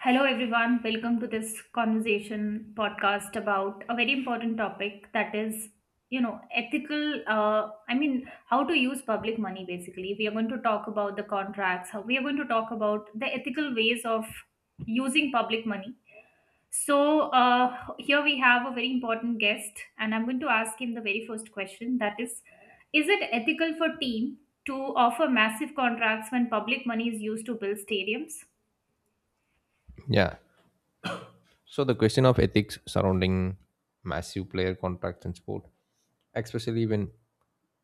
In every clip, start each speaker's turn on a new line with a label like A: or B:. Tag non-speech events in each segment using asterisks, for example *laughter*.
A: Hello, everyone. Welcome to this conversation podcast about a very important topic that is, ethical. How to use public money basically. We are going to talk about the contracts, how we are going to talk about the ethical ways of using public money. So, here we have a very important guest, and I'm going to ask him the very first question that is it ethical for team to offer massive contracts when public money is used to build stadiums?
B: Yeah. So the question of ethics surrounding massive player contracts in sport, especially when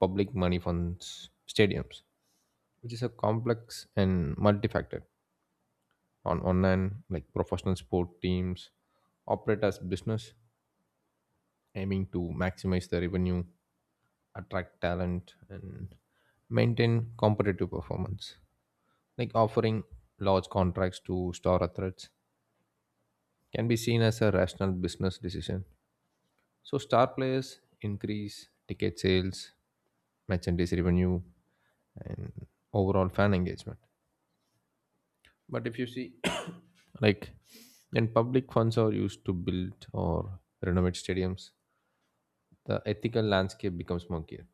B: public money funds stadiums, which is a complex and multifactor. On one hand, like professional sport teams operate as business, aiming to maximize the revenue, attract talent, and maintain competitive performance. Like offering large contracts to star athletes can be seen as a rational business decision. So star players increase ticket sales, merchandise revenue, and overall fan engagement. But if you see, *coughs* like, when public funds are used to build or renovate stadiums, the ethical landscape becomes murkier.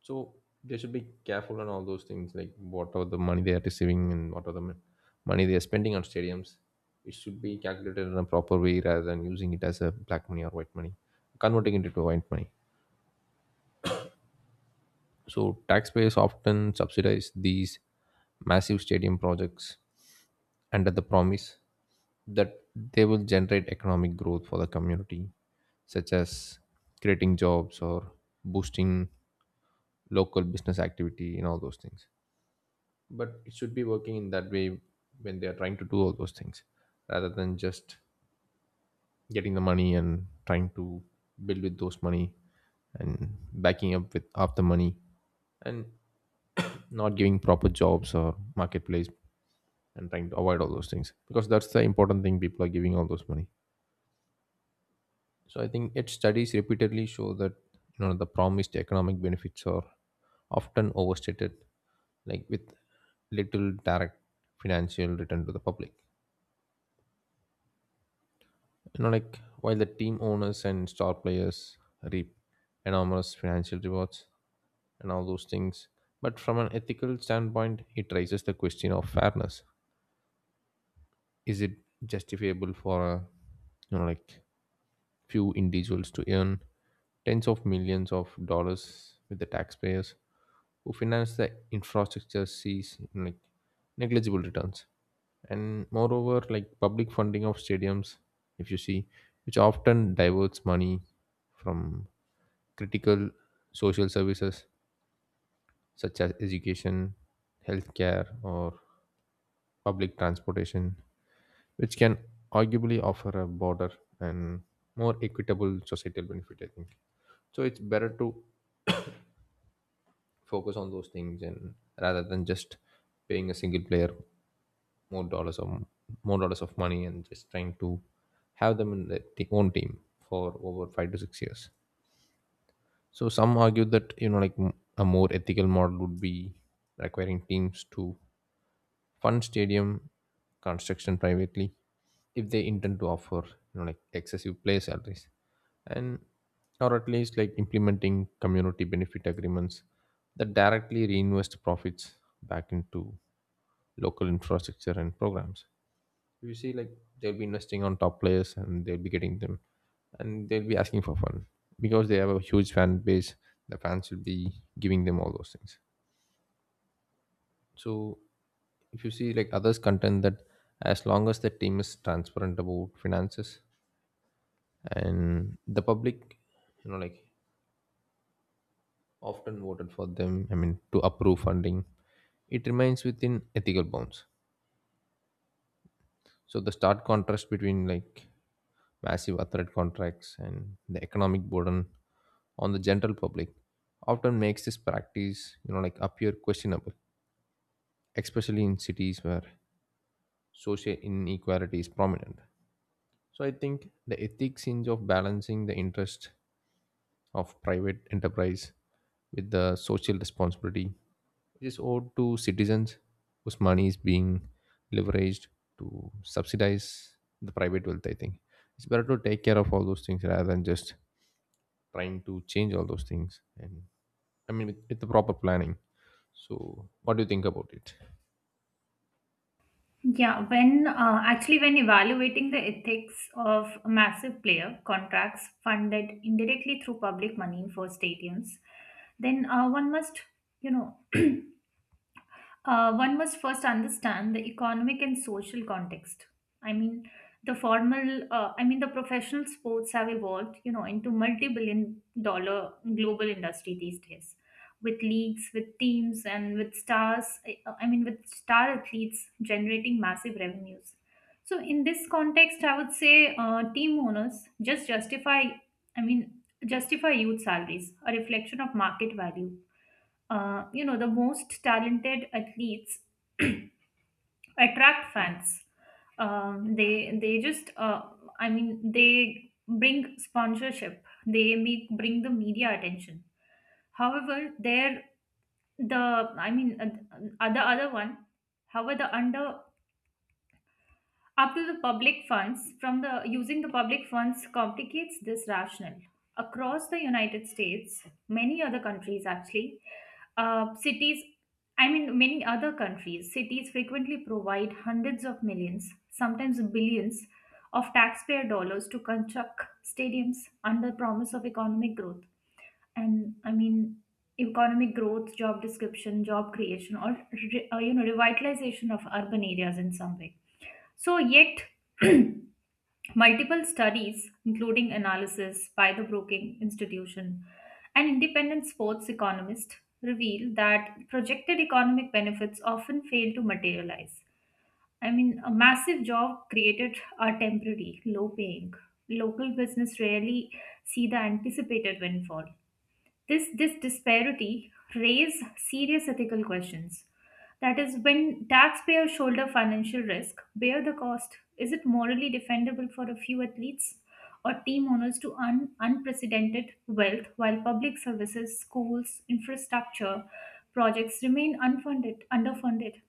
B: So they should be careful on all those things, like what are the money they are receiving and what are the money they are spending on stadiums. It should be calculated in a proper way rather than using it as a black money or white money, converting it into white money. So taxpayers often subsidize these massive stadium projects under the promise that they will generate economic growth for the community, such as creating jobs or boosting local business activity and all those things. But it should be working in that way when they are trying to do all those things, rather than just getting the money and trying to build with those money and backing up with half the money and not giving proper jobs or marketplace and trying to avoid all those things because that's the important thing people are giving all those money. So I think its studies repeatedly show that, you know, the promised economic benefits are often overstated, like with little direct financial return to the public. You know, like while the team owners and star players reap enormous financial rewards and all those things. But from an ethical standpoint, it raises the question of fairness. Is it justifiable for a, you know, like few individuals to earn tens of millions of dollars with the taxpayers who finance the infrastructure sees like negligible returns. And moreover, like public funding of stadiums, if you see, which often diverts money from critical social services such as education, healthcare, or public transportation, which can arguably offer a broader and more equitable societal benefit, I think. So it's better to focus on those things, and rather than just paying a single player more dollars or more dollars of money and just trying to have them in their own team for over 5 to 6 years. So some argue that, you know, like a more ethical model would be requiring teams to fund stadium construction privately if they intend to offer, you know, like excessive play salaries, and or at least like implementing community benefit agreements that directly reinvest profits back into local infrastructure and programs. You see, like they'll be investing on top players and they'll be getting them, and they'll be asking for fun because they have a huge fan base. The fans will be giving them all those things. So if you see, like others contend that as long as the team is transparent about finances and the public, you know, like often voted for them, I mean, to approve funding, it remains within ethical bounds. So the stark contrast between like massive athlete contracts and the economic burden on the general public often makes this practice, you know, like appear questionable, especially in cities where social inequality is prominent. So I think the ethics hinge of balancing the interest of private enterprise with the social responsibility which is owed to citizens whose money is being leveraged to subsidize the private wealth. I think it's better to take care of all those things rather than just trying to change all those things. And I mean, with the proper planning. So, what do you think about it?
A: Yeah, when Actually, when evaluating the ethics of massive player contracts funded indirectly through public money for stadiums, then one must, you know, one must first understand the economic and social context. I mean, the formal, the professional sports have evolved, you know, into multi-billion-dollar global industry these days, with leagues, with teams, and with stars, I mean, with star athletes generating massive revenues. So, in this context, I would say team owners just justify, I mean, justify youth salaries, a reflection of market value. You know, the most talented athletes attract fans. They just I mean, they bring sponsorship, they make bring the media attention. However they're the I mean the other one However, the under up to the public funds from the using the public funds complicates this rationale. Across the United States, many other countries actually, cities, many other countries cities frequently provide hundreds of millions, sometimes billions of taxpayer dollars to construct stadiums under promise of economic growth. And economic growth, job description, job creation, or you know, revitalization of urban areas in some way. So, yet, *clears throat* multiple studies, including analysis by the Brookings Institution and independent sports economists, reveal that projected economic benefits often fail to materialize. I mean, a massive job created are temporary, low paying. Local business rarely see the anticipated windfall. This disparity raise serious ethical questions. That is, when taxpayers shoulder financial risk, bear the cost, is it morally defendable for a few athletes or team owners to earn unprecedented wealth while public services, schools, infrastructure projects remain unfunded, underfunded?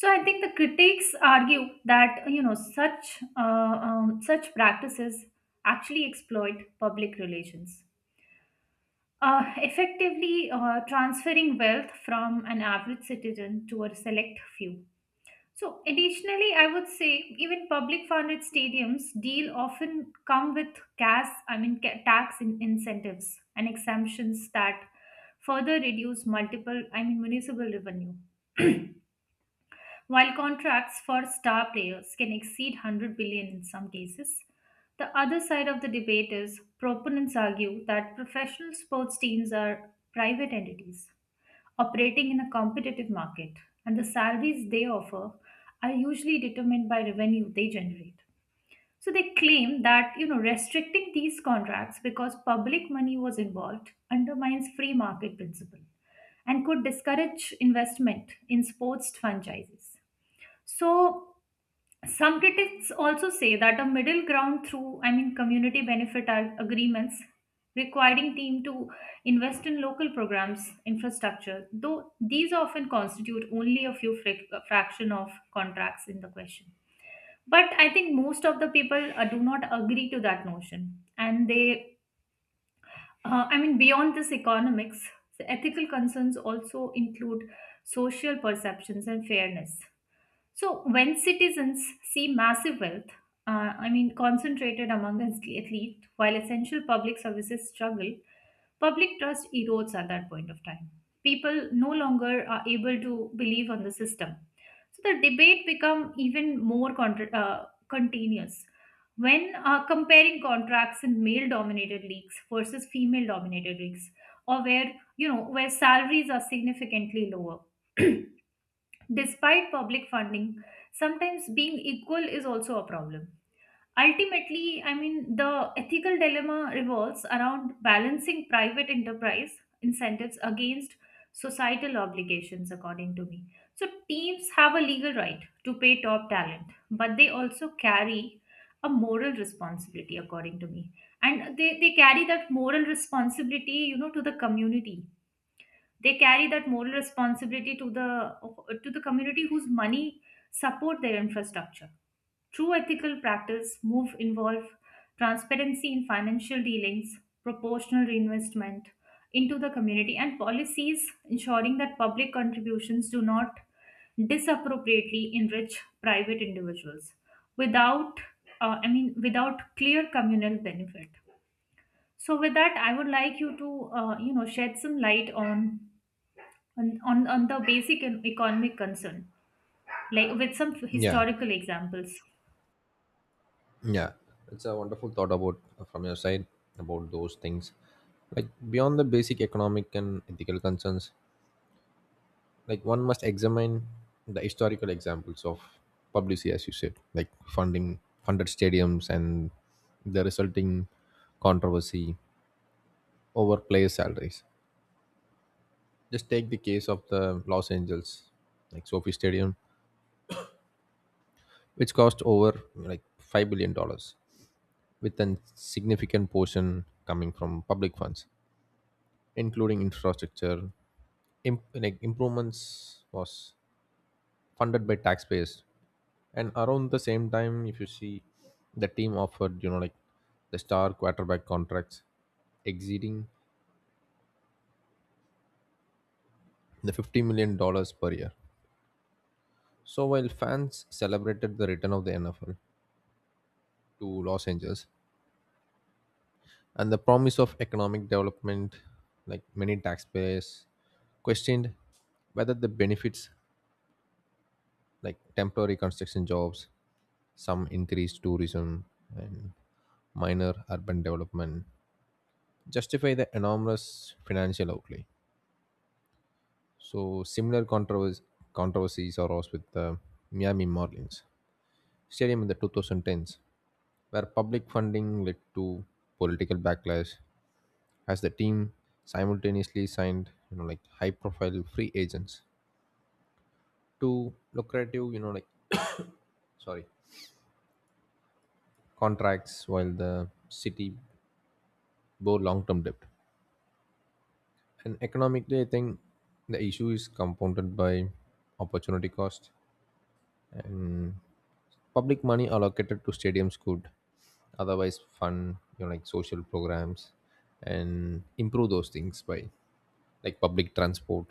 A: So I think the critics argue that, you know, such such practices actually exploit public relations, effectively transferring wealth from an average citizen to a select few. So, additionally, I would say even public funded stadiums deal often come with CAS, I mean ca- tax incentives and exemptions that further reduce multiple, I mean municipal revenue. While contracts for star players can exceed 100 billion in some cases, the other side of the debate is proponents argue that professional sports teams are private entities operating in a competitive market, and the salaries they offer are usually determined by revenue they generate. So they claim that, you know, restricting these contracts because public money was involved undermines free market principle and could discourage investment in sports franchises. So some critics also say that a middle ground through, I mean, community benefit agreements requiring team to invest in local programs infrastructure, though these often constitute only a a fraction of contracts in the question. But I think most of the people do not agree to that notion, and they, I mean, beyond this economics, the ethical concerns also include social perceptions and fairness. So, when citizens see massive wealth, I mean, concentrated among the elite, while essential public services struggle, public trust erodes at that point of time. People no longer are able to believe on the system. So, the debate become even more continuous. When comparing contracts in male-dominated leagues versus female-dominated leagues, or where, you know, where salaries are significantly lower, *clears throat* despite public funding sometimes being equal, is also a problem. Ultimately, I mean, the ethical dilemma revolves around balancing private enterprise incentives against societal obligations, according to me. So teams have a legal right to pay top talent, but they also carry a moral responsibility, according to me. And they carry that moral responsibility, you know, to the community. They carry that moral responsibility to the community whose money support their infrastructure. True ethical practice move involve transparency in financial dealings, proportional reinvestment into the community, and policies ensuring that public contributions do not disappropriately enrich private individuals without, without clear communal benefit. So with that, I would like you to, you know, shed some light on on the basic and economic concern, like with some
B: Yeah.
A: historical examples.
B: Yeah, it's a wonderful thought about from your side about those things. Like beyond the basic economic and ethical concerns, like one must examine the historical examples of publicity, as you said, like funding funded stadiums and the resulting controversy over player salaries. Just take the case of the Los Angeles, like Sophie Stadium, which cost over like $5 billion, with a significant portion coming from public funds including infrastructure like improvements was funded by taxpayers. And around the same time, if you see, the team offered, you know, like the star quarterback contracts exceeding the $50 million per year. So while fans celebrated the return of the NFL to Los Angeles and the promise of economic development, like many taxpayers questioned whether the benefits, like temporary construction jobs, some increased tourism, and minor urban development justify the enormous financial outlay. So, similar controversies arose with the Miami Marlins Stadium in the 2010s, where public funding led to political backlash as the team simultaneously signed, you know, like high profile free agents to lucrative, you know, like *coughs* sorry contracts while the city borrow long-term debt. And economically, I think the issue is compounded by opportunity cost, and public money allocated to stadiums could otherwise fund, you know, like social programs and improve those things by like public transport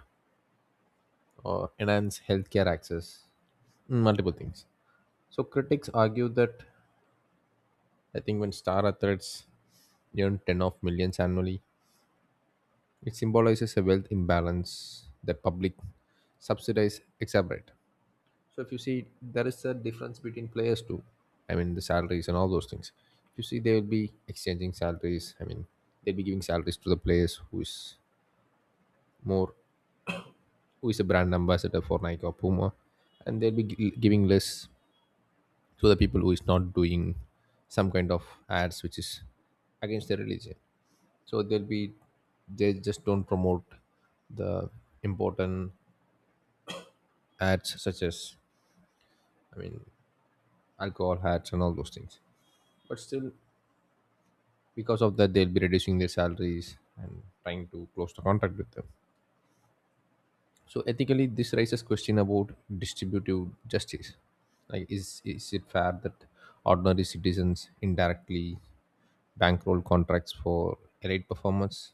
B: or enhance healthcare access, multiple things. So critics argue that, I think, when star athletes earn 10 of millions annually, it symbolizes a wealth imbalance that public subsidies exacerbate. So if you see, there is a difference between players too. I mean, the salaries and all those things. If you see, they will be exchanging salaries. I mean, they'll be giving salaries to the players who is more, who is a brand ambassador for Nike or Puma, and they'll be giving less to the people who is not doing some kind of ads which is against their religion. So they'll be, they just don't promote the important ads such as, I mean, alcohol ads and all those things. But still, because of that, they'll be reducing their salaries and trying to close the contract with them. So ethically this raises question about distributive justice. Like is it fair that ordinary citizens indirectly bankroll contracts for elite performers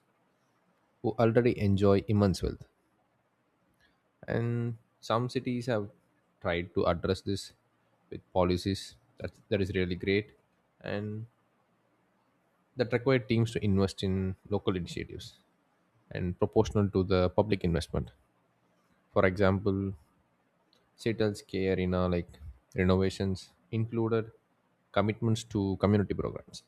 B: who already enjoy immense wealth. And some cities have tried to address this with policies that is really great and that require teams to invest in local initiatives and proportional to the public investment. For example, Seattle's K Arena like renovations included commitments to community programs,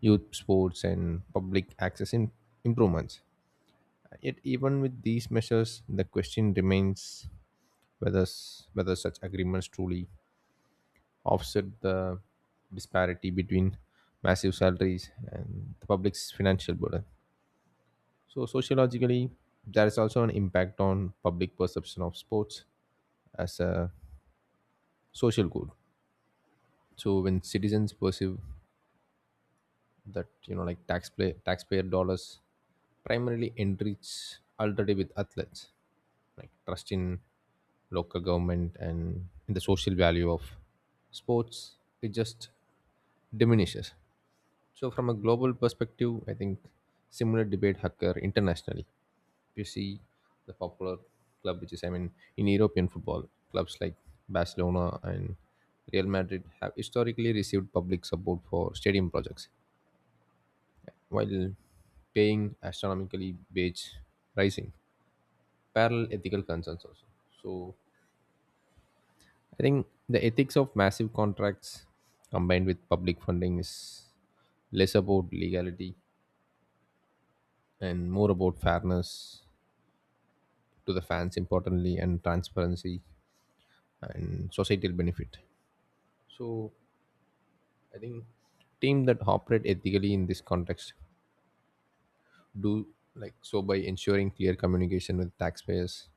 B: youth sports, and public access in improvements. Yet, even with these measures, the question remains whether such agreements truly offset the disparity between massive salaries and the public's financial burden. So, sociologically, there is also an impact on public perception of sports as a social good. So, when citizens perceive that, you know, like taxpayer dollars primarily enrich already with athletes, like trust in local government and in the social value of sports, it just diminishes. So, from a global perspective, I think similar debate occur internationally. You see the popular club which is, I mean, in European football clubs like Barcelona and Real Madrid have historically received public support for stadium projects while paying astronomically wage rising parallel ethical concerns also. So I think the ethics of massive contracts combined with public funding is less about legality and more about fairness to the fans importantly, and transparency and societal benefit. So I think team that operate ethically in this context do like so by ensuring clear communication with taxpayers,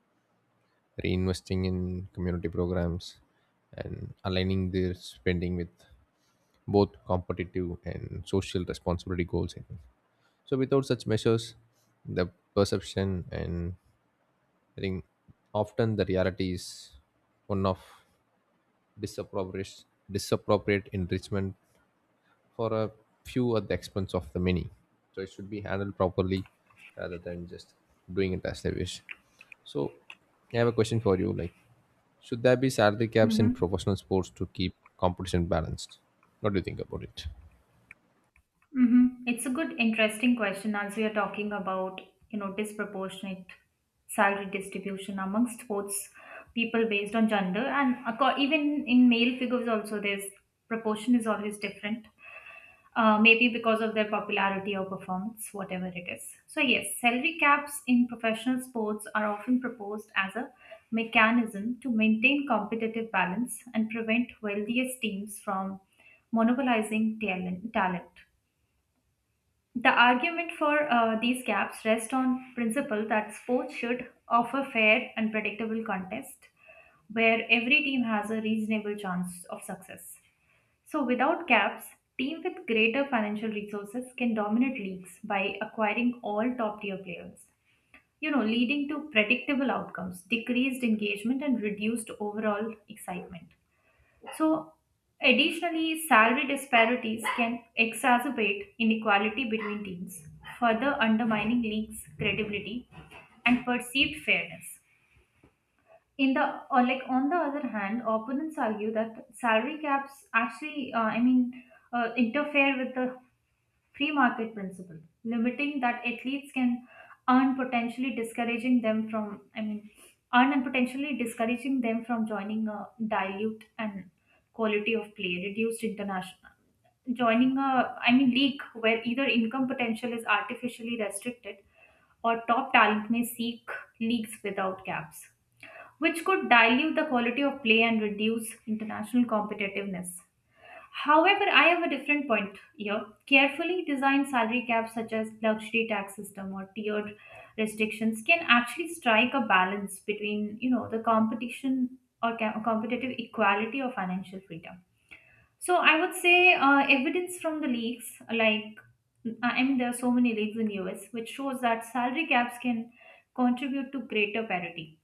B: reinvesting in community programs, and aligning their spending with both competitive and social responsibility goals, I think. So without such measures, the perception and, I think, often the reality is one of disappropriate disappropriate enrichment for a few at the expense of the many. So it should be handled properly rather than just doing it as they wish. So I have a question for you. Like, should there be salary caps in
A: Mm-hmm.
B: professional sports to keep competition balanced? What do you think about it?
A: Mm-hmm. It's a good, interesting question as we are talking about, you know, disproportionate salary distribution amongst sports people based on gender, and even in male figures also there's proportion is always different. Maybe because of their popularity or performance, whatever it is. So, yes, salary caps in professional sports are often proposed as a mechanism to maintain competitive balance and prevent wealthiest teams from monopolizing talent. The argument for these caps rests on principle that sports should offer fair and predictable contest where every team has a reasonable chance of success. So, without caps, team with greater financial resources can dominate leagues by acquiring all top tier players, you know, leading to predictable outcomes, decreased engagement, and reduced overall excitement. So, additionally, salary disparities can exacerbate inequality between teams, further undermining leagues' credibility and perceived fairness in the, or like, on the other hand, opponents argue that salary caps actually, interfere with the free market principle, limiting that athletes can earn, potentially discouraging them from, i mean earn and potentially discouraging them from joining a, dilute and quality of play reduced international, joining a, league where either income potential is artificially restricted, or top talent may seek leagues without caps, which could dilute the quality of play and reduce international competitiveness. However, I have a different point here. Carefully designed salary caps, such as luxury tax system or tiered restrictions, can actually strike a balance between, you know, the competition or competitive equality or financial freedom. So I would say evidence from the leagues, like, I mean, there are so many leagues in US, which shows that salary caps can contribute to greater parity,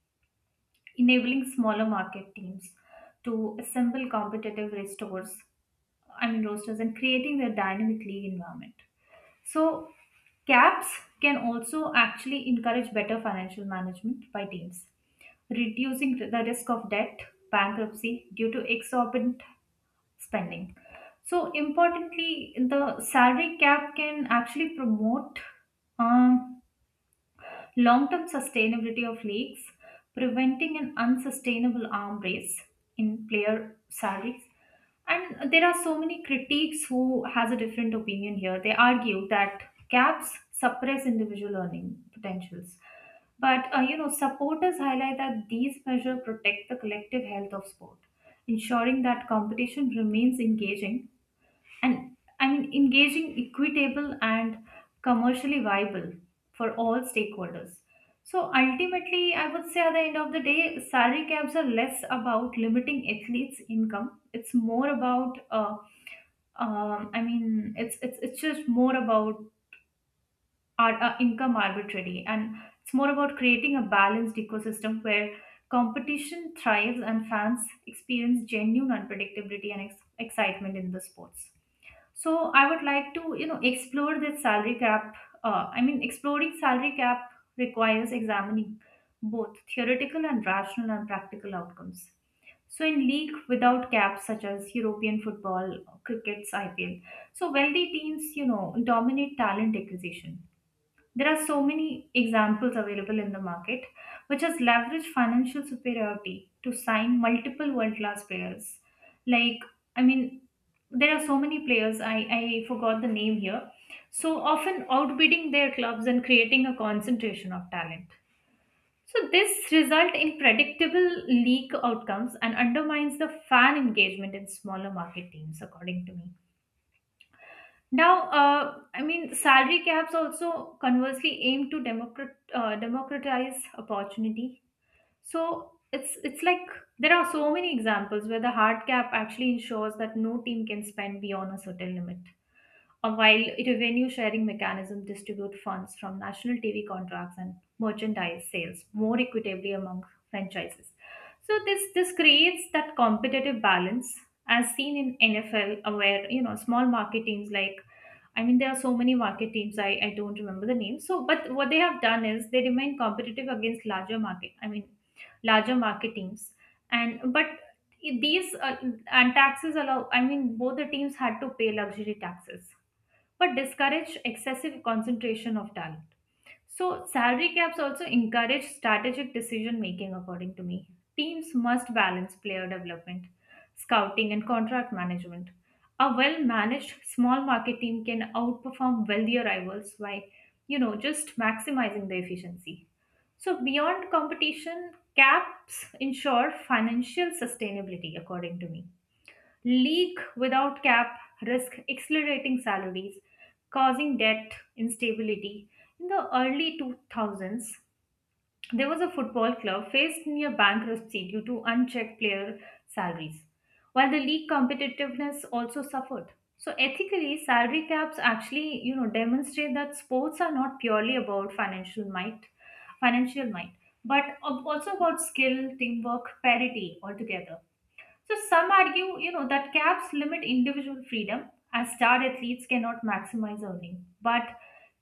A: enabling smaller market teams to assemble competitive restores, I mean, roasters, and creating their dynamic league environment. So caps can also actually encourage better financial management by teams, reducing the risk of debt, bankruptcy due to exorbitant spending. So importantly, the salary cap can actually promote um, long term sustainability of leagues, preventing an unsustainable arm race in player salaries. And there are so many critics who has a different opinion here. They argue that caps suppress individual earning potentials. But, you know, supporters highlight that these measures protect the collective health of sport, ensuring that competition remains engaging and, I mean, engaging, equitable, and commercially viable for all stakeholders. So ultimately, I would say at the end of the day, salary caps are less about limiting athletes' income. It's more about, it's just more about our, income arbitrary, and it's more about creating a balanced ecosystem where competition thrives and fans experience genuine unpredictability and excitement in the sports. So I would like to, you know, explore this salary cap. Exploring salary cap requires examining both theoretical and rational and practical outcomes. So in league without caps, such as European football, cricket's IPL, so wealthy teams, you know, dominate talent acquisition. There are so many examples available in the market, which has leveraged financial superiority to sign multiple world class players. Like, I mean, there are so many players, I forgot the name here, so often outbidding their clubs and creating a concentration of talent. So this result in predictable league outcomes and undermines the fan engagement in smaller market teams, according to me. Now, I mean, salary caps also conversely aim to democratize opportunity. So it's like there are so many examples where the hard cap actually ensures that no team can spend beyond a certain limit. While revenue sharing mechanism distribute funds from national TV contracts and merchandise sales more equitably among franchises. So this creates that competitive balance as seen in NFL, where, you know, small market teams like, I mean, there are so many market teams, I don't remember the names. So, but what they have done is they remain competitive against larger market, I mean, larger market teams. And, but these, and taxes allow, I mean, both the teams had to pay luxury taxes, but discourage excessive concentration of talent. So, salary caps also encourage strategic decision making, according to me. Teams must balance player development, scouting, and contract management. A well managed small market team can outperform wealthier rivals by, you know, just maximizing the efficiency. So, beyond competition, caps ensure financial sustainability, according to me. League without cap risk accelerating salaries, causing debt instability. In the early 2000s, there was a football club faced near bankruptcy due to unchecked player salaries, while the league competitiveness also suffered. So ethically, salary caps actually, you know, demonstrate that sports are not purely about financial might, but also about skill, teamwork, parity altogether. So some argue, you know, that caps limit individual freedom as star athletes cannot maximize earning. But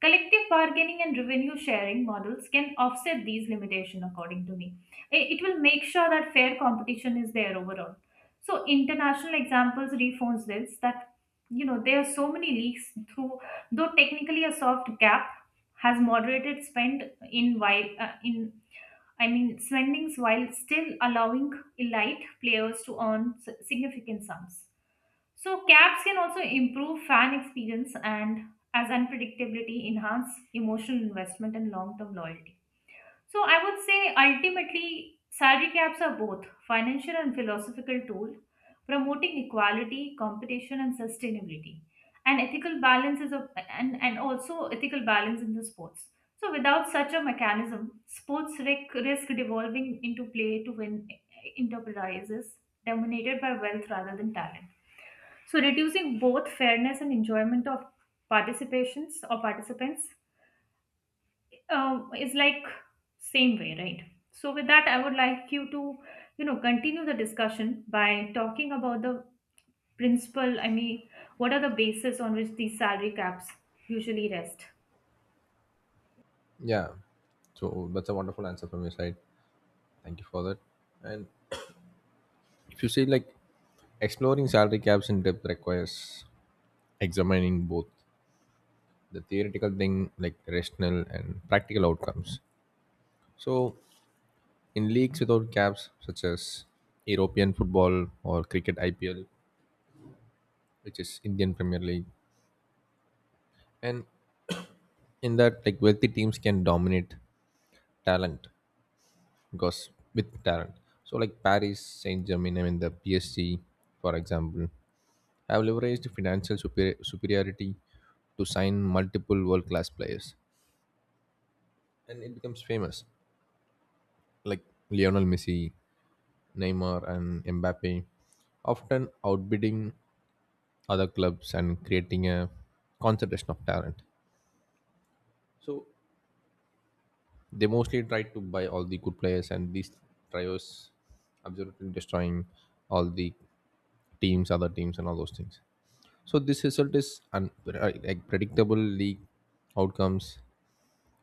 A: collective bargaining and revenue sharing models can offset these limitations, according to me. I- It will make sure that fair competition is there overall. So international examples reinforce this, that, you know, there are so many leaks through, though technically a soft cap has moderated spend in, while, in, I mean, spendings while still allowing elite players to earn significant sums. So, caps can also improve fan experience and, as unpredictability, enhance emotional investment and long term loyalty. So I would say ultimately salary caps are both financial and philosophical tool promoting equality, competition and sustainability. And ethical balance is a, and also ethical balance in the sports. So without such a mechanism, sports risk devolving into play to win enterprises dominated by wealth rather than talent. So reducing both fairness and enjoyment of participations or participants, is like same way, right? So with that, I would like you to, you know, continue the discussion by talking about the principle, I mean, what are the basis on which these salary caps usually rest?
B: Yeah. So that's a wonderful answer from your side. Thank you for that. And if you say, like, exploring salary caps in depth requires examining both the theoretical thing like rational and practical outcomes. So in leagues without caps, such as European football or cricket IPL, which is Indian Premier League, and in that, like wealthy teams can dominate talent because with talent. So, like Paris Saint Germain, I mean the PSG, for example, have leveraged financial superiority to sign multiple world class players, and it becomes famous. Like Lionel Messi, Neymar, and Mbappe, often outbidding other clubs and creating a concentration of talent. So they mostly try to buy all the good players, and these trios absolutely destroying all the teams, other teams, and all those things. So this result is like predictable league outcomes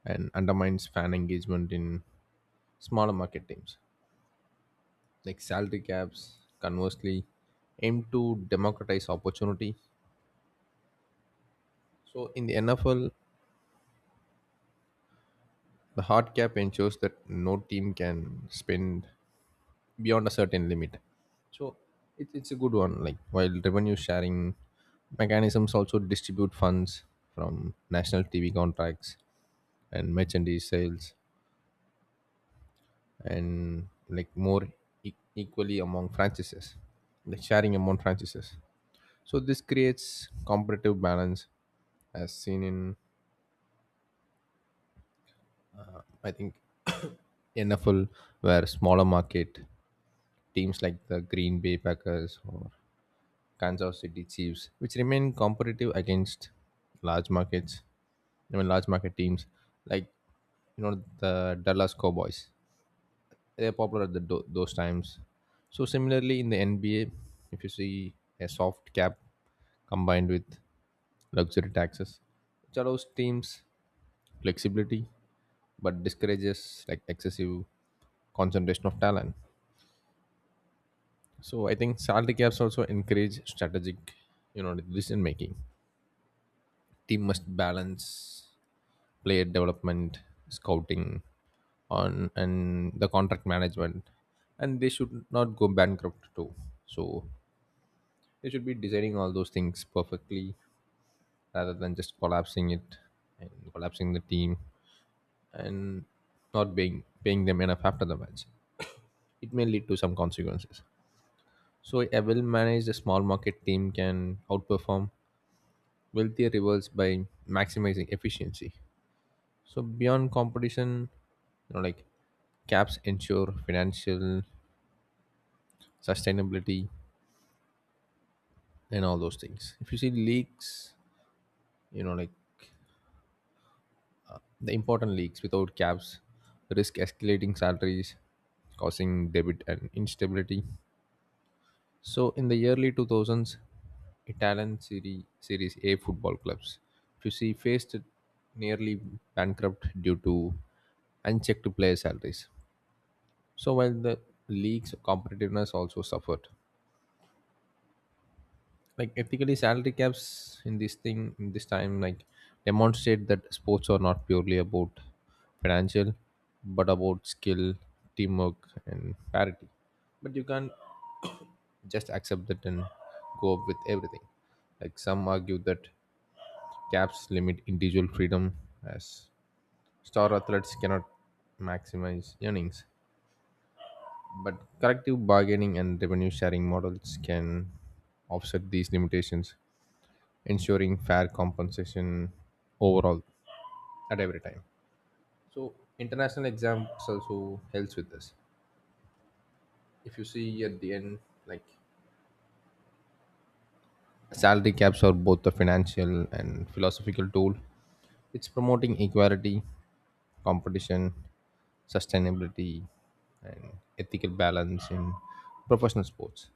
B: and undermines fan engagement in smaller market teams. Like salary caps, conversely, aim to democratize opportunity. So in the NFL, the hard cap ensures that no team can spend beyond a certain limit. So it's a good one. Like while revenue sharing mechanisms also distribute funds from national TV contracts and merchandise sales and like more equally among franchises, like sharing among franchises. So this creates competitive balance as seen in, I think, NFL where smaller market teams like the Green Bay Packers or Kansas City Chiefs, which remain competitive against large markets, I mean large market teams like, you know, the Dallas Cowboys. They're popular at the, those times. So similarly in the NBA, if you see a soft cap combined with luxury taxes, which allows teams flexibility but discourages like excessive concentration of talent. So I think salary caps also encourage strategic, you know, decision making. Team must balance player development, scouting, on and the contract management, and they should not go bankrupt too. So they should be designing all those things perfectly rather than just collapsing it and collapsing the team and not paying them enough after the match. It may lead to some consequences. So a well managed small market team can outperform wealthier rivals by maximizing efficiency. So beyond competition, you know, like caps ensure financial sustainability and all those things. If you see leagues, you know, like the important leagues without caps risk escalating salaries, causing debit and instability. So in the early 2000s, Italian Serie, Series A football clubs, if you see, faced nearly bankrupt due to unchecked player salaries. So while the league's competitiveness also suffered, like ethically salary caps in this thing in this time like demonstrate that sports are not purely about financial, but about skill, teamwork, and parity. But you can't just accept that and go up with everything. Like some argue that caps limit individual freedom as star athletes cannot maximize earnings. But collective bargaining and revenue sharing models can offset these limitations, ensuring fair compensation overall at every time. So international exams also helps with this. If you see at the end, like salary caps are both a financial and philosophical tool. It's promoting equality, competition, sustainability, and ethical balance in professional sports.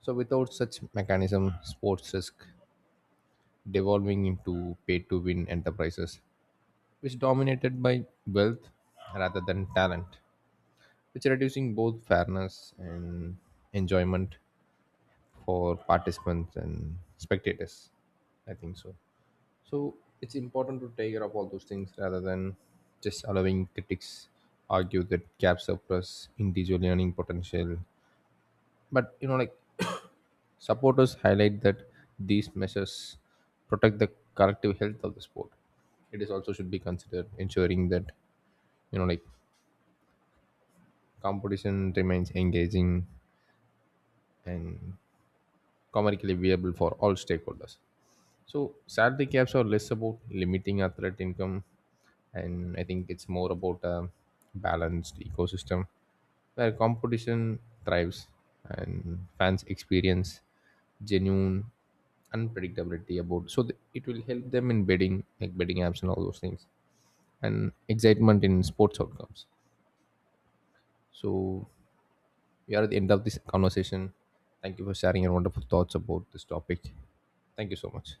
B: So without such mechanism, sports risk devolving into pay to win enterprises, which dominated by wealth rather than talent, which reducing both fairness and enjoyment for participants and spectators, I think so. So it's important to take care of all those things rather than just allowing critics argue that gaps suppress individual learning potential. But, you know, like supporters highlight that these measures protect the collective health of the sport. It is also should be considered ensuring that, you know, like competition remains engaging and commercially viable for all stakeholders. So salary caps are less about limiting athlete income, and I think it's more about a balanced ecosystem where competition thrives and fans experience genuine unpredictability about so it will help them in betting like betting apps and all those things and excitement in sports outcomes. So we are at the end of this conversation. Thank you for sharing your wonderful thoughts about this topic. Thank you so much.